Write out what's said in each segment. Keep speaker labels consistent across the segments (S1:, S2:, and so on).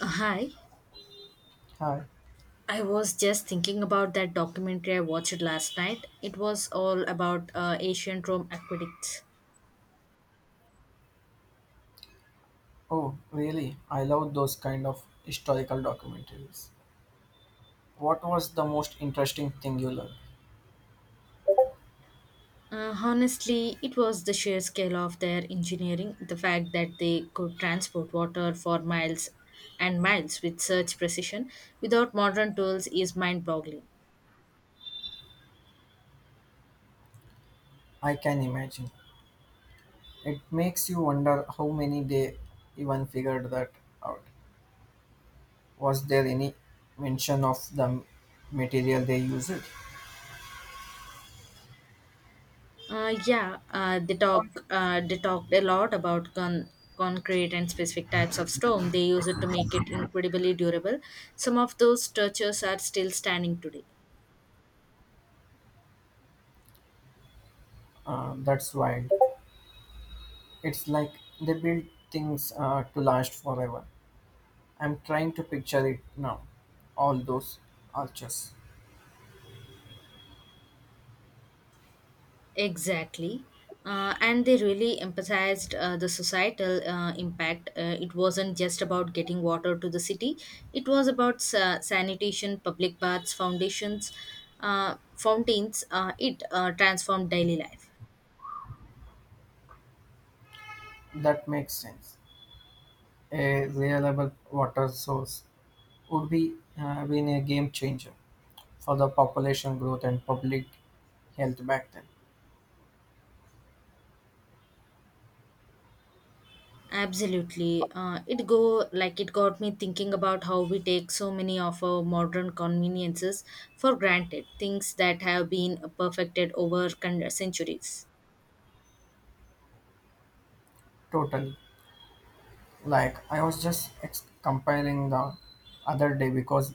S1: Hi,
S2: Hi.
S1: I was just thinking about that documentary I watched last night. It was all about ancient Rome aqueducts.
S2: Oh, really? I love those kind of historical documentaries. What was the most interesting thing you learned?
S1: Honestly, it was the sheer scale of their engineering, the fact that they could transport water for miles and miles with such precision without modern tools is mind boggling.
S2: I can imagine. It makes you wonder how many they even figured that out. Was there any mention of the material they used?
S1: Yeah, they talked a lot about concrete and specific types of stone. They use it to make it incredibly durable. Some of those structures are still standing today.
S2: That's wild. It's like they build things to last forever. I'm trying to picture it now. All those arches.
S1: Exactly. And they really emphasized the societal impact. It wasn't just about getting water to the city, it was about sanitation, public baths, foundations, fountains. It transformed daily life.
S2: That makes sense. A reliable water source would be been a game changer for the population growth and public health back then.
S1: Absolutely. It go like it got me thinking about how we take so many of our modern conveniences for granted, things that have been perfected over centuries.
S2: Totally. Like I was just comparing the other day because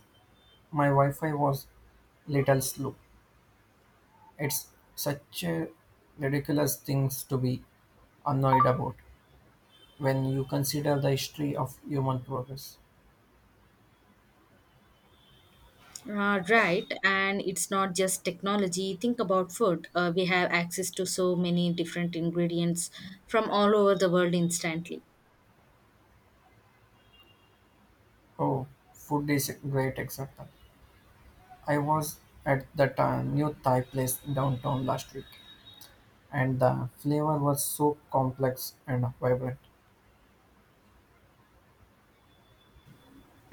S2: my Wi-Fi was little slow. It's such a ridiculous things to be annoyed about when you consider the history of human progress.
S1: Right, and it's not just technology. Think about food. We have access to so many different ingredients from all over the world instantly.
S2: Oh, food is a great example. I was at that new Thai place downtown last week, and the flavor was so complex and vibrant.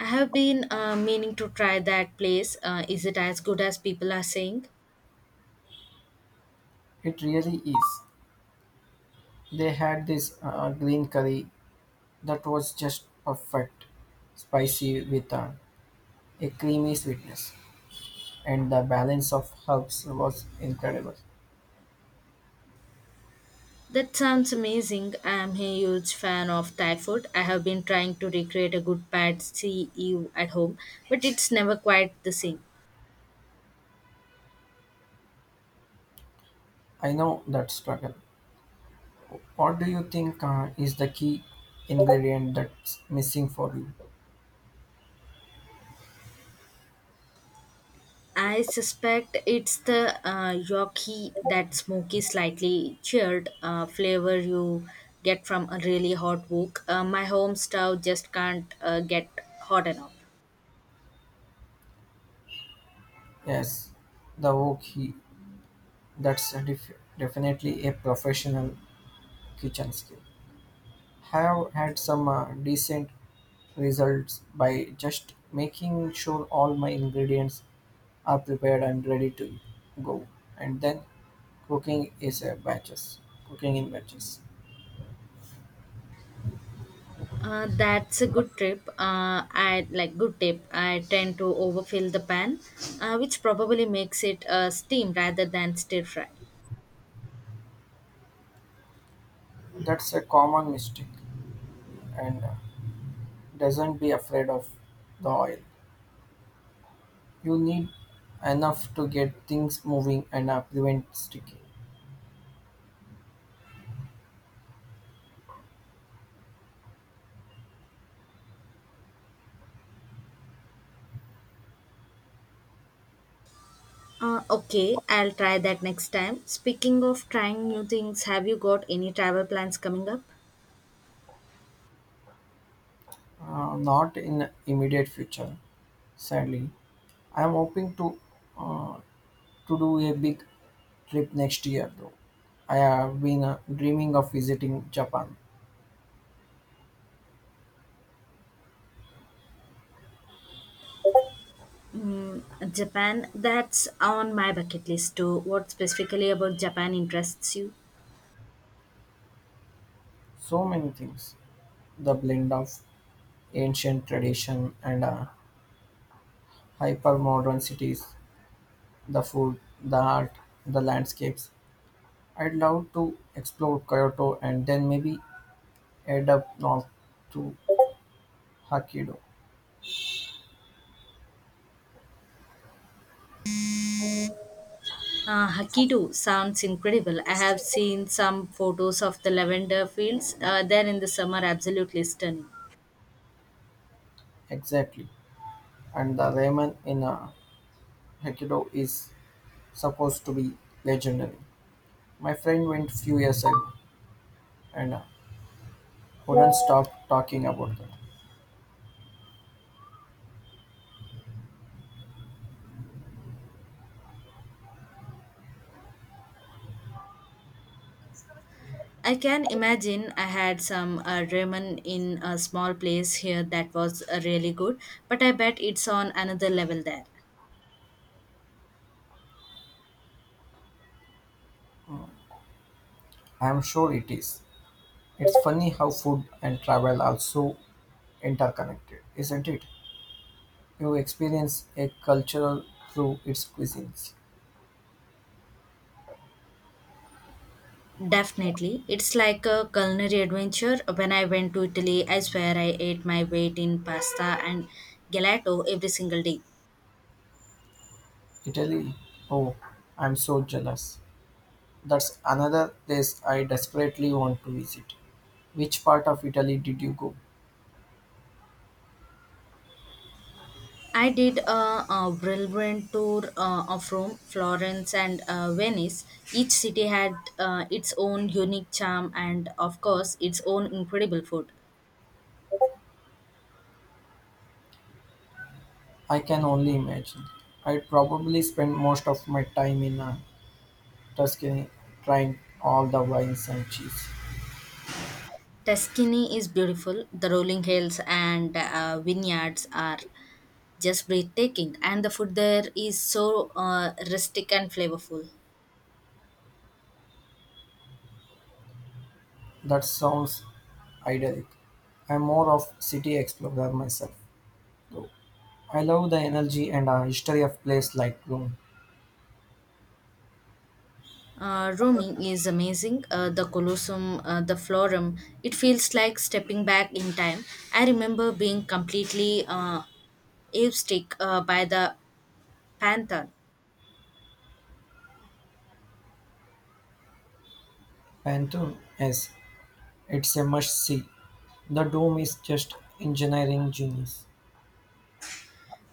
S1: I have been meaning to try that place. Is it as good as people are saying?
S2: It really is. They had this green curry that was just perfect, spicy with a creamy sweetness, and the balance of herbs was incredible.
S1: That sounds amazing. I'm a huge fan of Thai food. I have been trying to recreate a good pad see ew at home, but it's never quite the same.
S2: I know that struggle. What do you think is the key ingredient that's missing for you?
S1: I suspect it's the yoki, that smoky, slightly cheered flavor you get from a really hot wok. My home stove just can't get hot enough.
S2: Yes, the wok he. That's a definitely a professional kitchen skill. Have had some decent results by just making sure all my ingredients are prepared and ready to go, and then cooking is a batches. Cooking in batches.
S1: That's a good trip. I like good tip. I tend to overfill the pan, which probably makes it steam rather than stir fry.
S2: That's a common mistake, and doesn't be afraid of the oil. You need enough to get things moving and prevent sticking.
S1: Okay, I'll try that next time. Speaking of trying new things, have you got any travel plans coming up?
S2: Not in immediate future, sadly. I'm hoping to uh, to do a big trip next year though. I have been dreaming of visiting Japan.
S1: Mm, Japan, that's on my bucket list too. What specifically about Japan interests you?
S2: So many things. The blend of ancient tradition and hyper modern cities, the food, the art, the landscapes. I'd love to explore Kyoto and then maybe head up north to Hokkaido.
S1: Hokkaido sounds incredible. I have seen some photos of the lavender fields there in the summer, absolutely stunning.
S2: Exactly. And the ramen in Hokkaido is supposed to be legendary. My friend went few years ago and couldn't stop talking about that.
S1: I can imagine I had some ramen in a small place here that was really good, but I bet it's on another level there.
S2: I'm sure it is. It's funny how food and travel are so interconnected, isn't it? You experience a culture through its cuisines.
S1: Definitely. It's like a culinary adventure. When I went to Italy, I swear I ate my weight in pasta and gelato every single day.
S2: Italy, oh, I'm so jealous. That's another place I desperately want to visit. Which part of Italy did you go?
S1: I did a brilliant tour of Rome, Florence, and Venice. Each city had its own unique charm and, of course, its own incredible food.
S2: I can only imagine. I'd probably spend most of my time in Tuscany trying all the wines and cheese.
S1: Tuscany is beautiful. The rolling hills and vineyards are just breathtaking, and the food there is so rustic and flavorful.
S2: That sounds idyllic. I'm more of city explorer myself, though. I love the energy and history of place like Rome.
S1: Rome is amazing. The Colosseum, the Forum, it feels like stepping back in time. I remember being completely awestruck by the Pantheon.
S2: Pantheon, yes, it's a must-see. The dome is just engineering genius.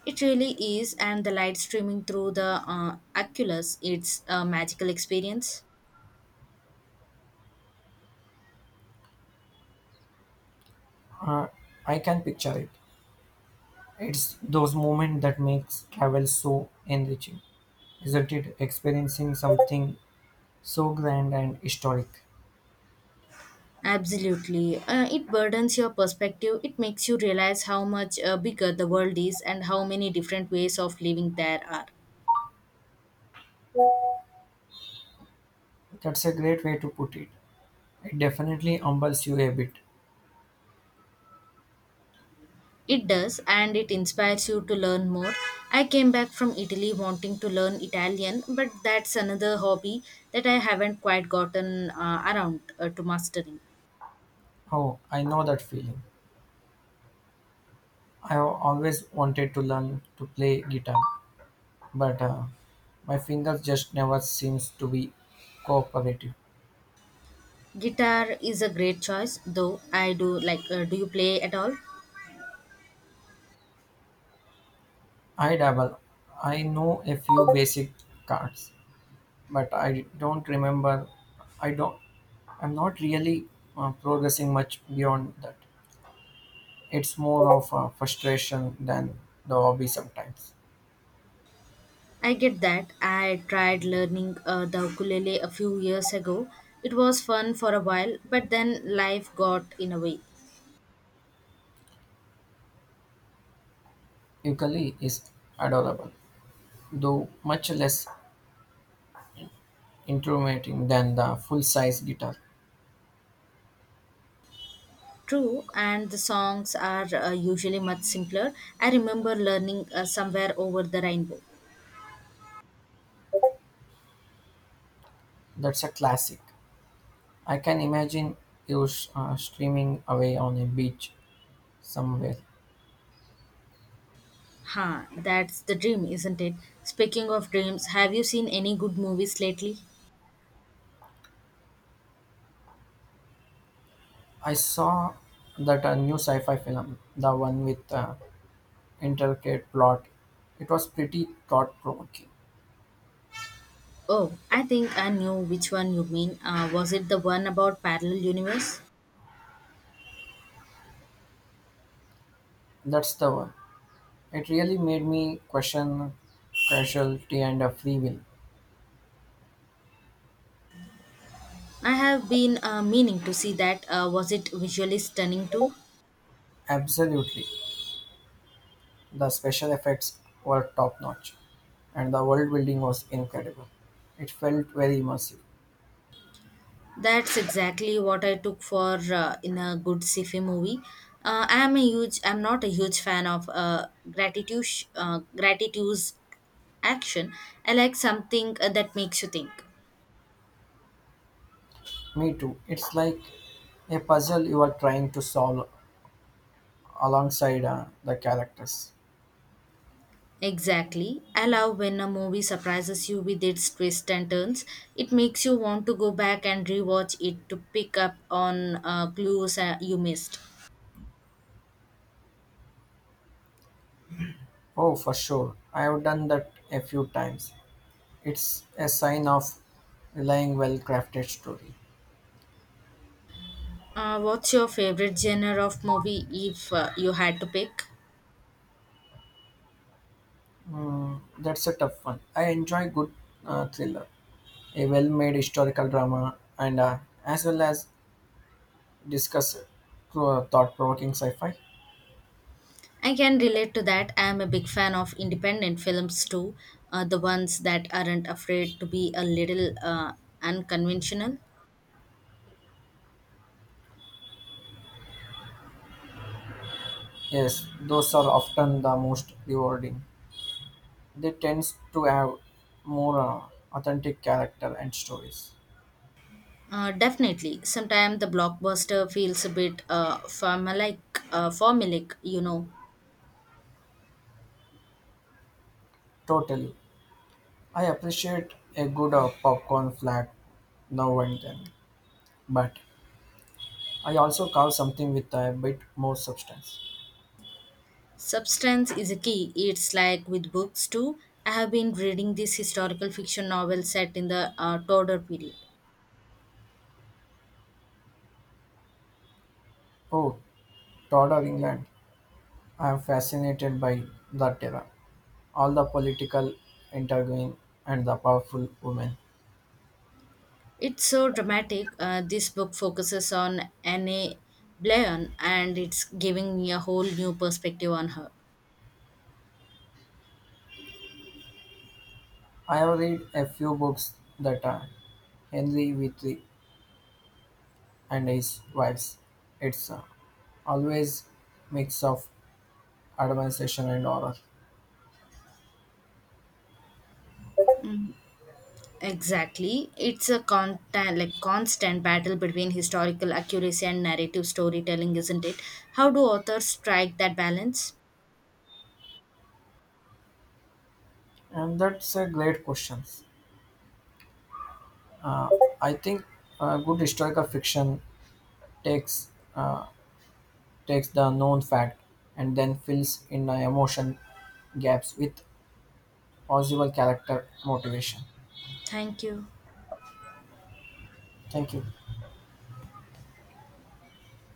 S1: It really is, and the light streaming through the oculus, it's a magical experience.
S2: Uh, I can picture it. It's those moments that makes travel so enriching, isn't it? Experiencing something so grand and historic.
S1: Absolutely. It burdens your perspective. It makes you realize how much bigger the world is and how many different ways of living there are.
S2: That's a great way to put it. It definitely humbles you a bit.
S1: It does, and it inspires you to learn more. I came back from Italy wanting to learn Italian, but that's another hobby that I haven't quite gotten around to mastering.
S2: Oh, I know that feeling. I've always wanted to learn to play guitar, but my fingers just never seems to be cooperative.
S1: Guitar is a great choice, though. Do you play at all?
S2: I dabble. I know a few basic chords, but I don't remember. I don't. I'm not really progressing much beyond that. It's more of a frustration than the hobby sometimes.
S1: I get that. I tried learning the ukulele a few years ago. It was fun for a while, but then life got in a way.
S2: Ukulele is adorable, though much less intimidating than the full-size guitar.
S1: True, and the songs are usually much simpler. I remember learning somewhere over the rainbow.
S2: That's a classic. I can imagine you streaming away on a beach somewhere.
S1: Huh, that's the dream, isn't it? Speaking of dreams, have you seen any good movies lately?
S2: I saw that a new sci-fi film, the one with intricate plot. It was pretty thought-provoking.
S1: Oh, I think I knew which one you mean. Was it the one about parallel universe?
S2: That's the one. It really made me question casualty and free will.
S1: I have been meaning to see that. Was it visually stunning too?
S2: Absolutely, the special effects were top-notch, and the world building was incredible. It felt very immersive.
S1: That's exactly what I took for in a good sci-fi movie. I am a huge. I'm not a huge fan of gratitude. Gratitude's action. I like something that makes you think.
S2: Me too. It's like a puzzle you are trying to solve alongside the characters.
S1: Exactly. I love when a movie surprises you with its twists and turns. It makes you want to go back and rewatch it to pick up on clues you missed.
S2: Oh, for sure. I have done that a few times. It's a sign of relying well crafted story.
S1: What's your favorite genre of movie if you had to pick?
S2: That's a tough one. I enjoy good thriller, a well made historical drama, and as well as discuss thought provoking sci fi.
S1: I can relate to that. I am a big fan of independent films too, the ones that aren't afraid to be a little unconventional.
S2: Yes, those are often the most rewarding. They tend to have more authentic character and stories.
S1: Definitely. Sometimes the blockbuster feels a bit formulaic, you know.
S2: Totally. I appreciate a good popcorn flat now and then, but I also carve something with a bit more substance.
S1: Substance is a key. It's like with books too. I have been reading this historical fiction novel set in the Tudor period.
S2: Oh, Todd of England. I am fascinated by that era, all the political interviewing and the powerful women.
S1: It's so dramatic. This book focuses on Anne Blayon and it's giving me a whole new perspective on her.
S2: I have read a few books that are Henry Wheatley and his wives. It's always mix of admiration and horror.
S1: Mm. Exactly. It's a constant battle between historical accuracy and narrative storytelling, isn't it? How do authors strike that balance?
S2: And that's a great question. Uh, I think good historical fiction takes uh, takes the known fact and then fills in the emotion gaps with possible character motivation.
S1: Thank you.
S2: Thank you.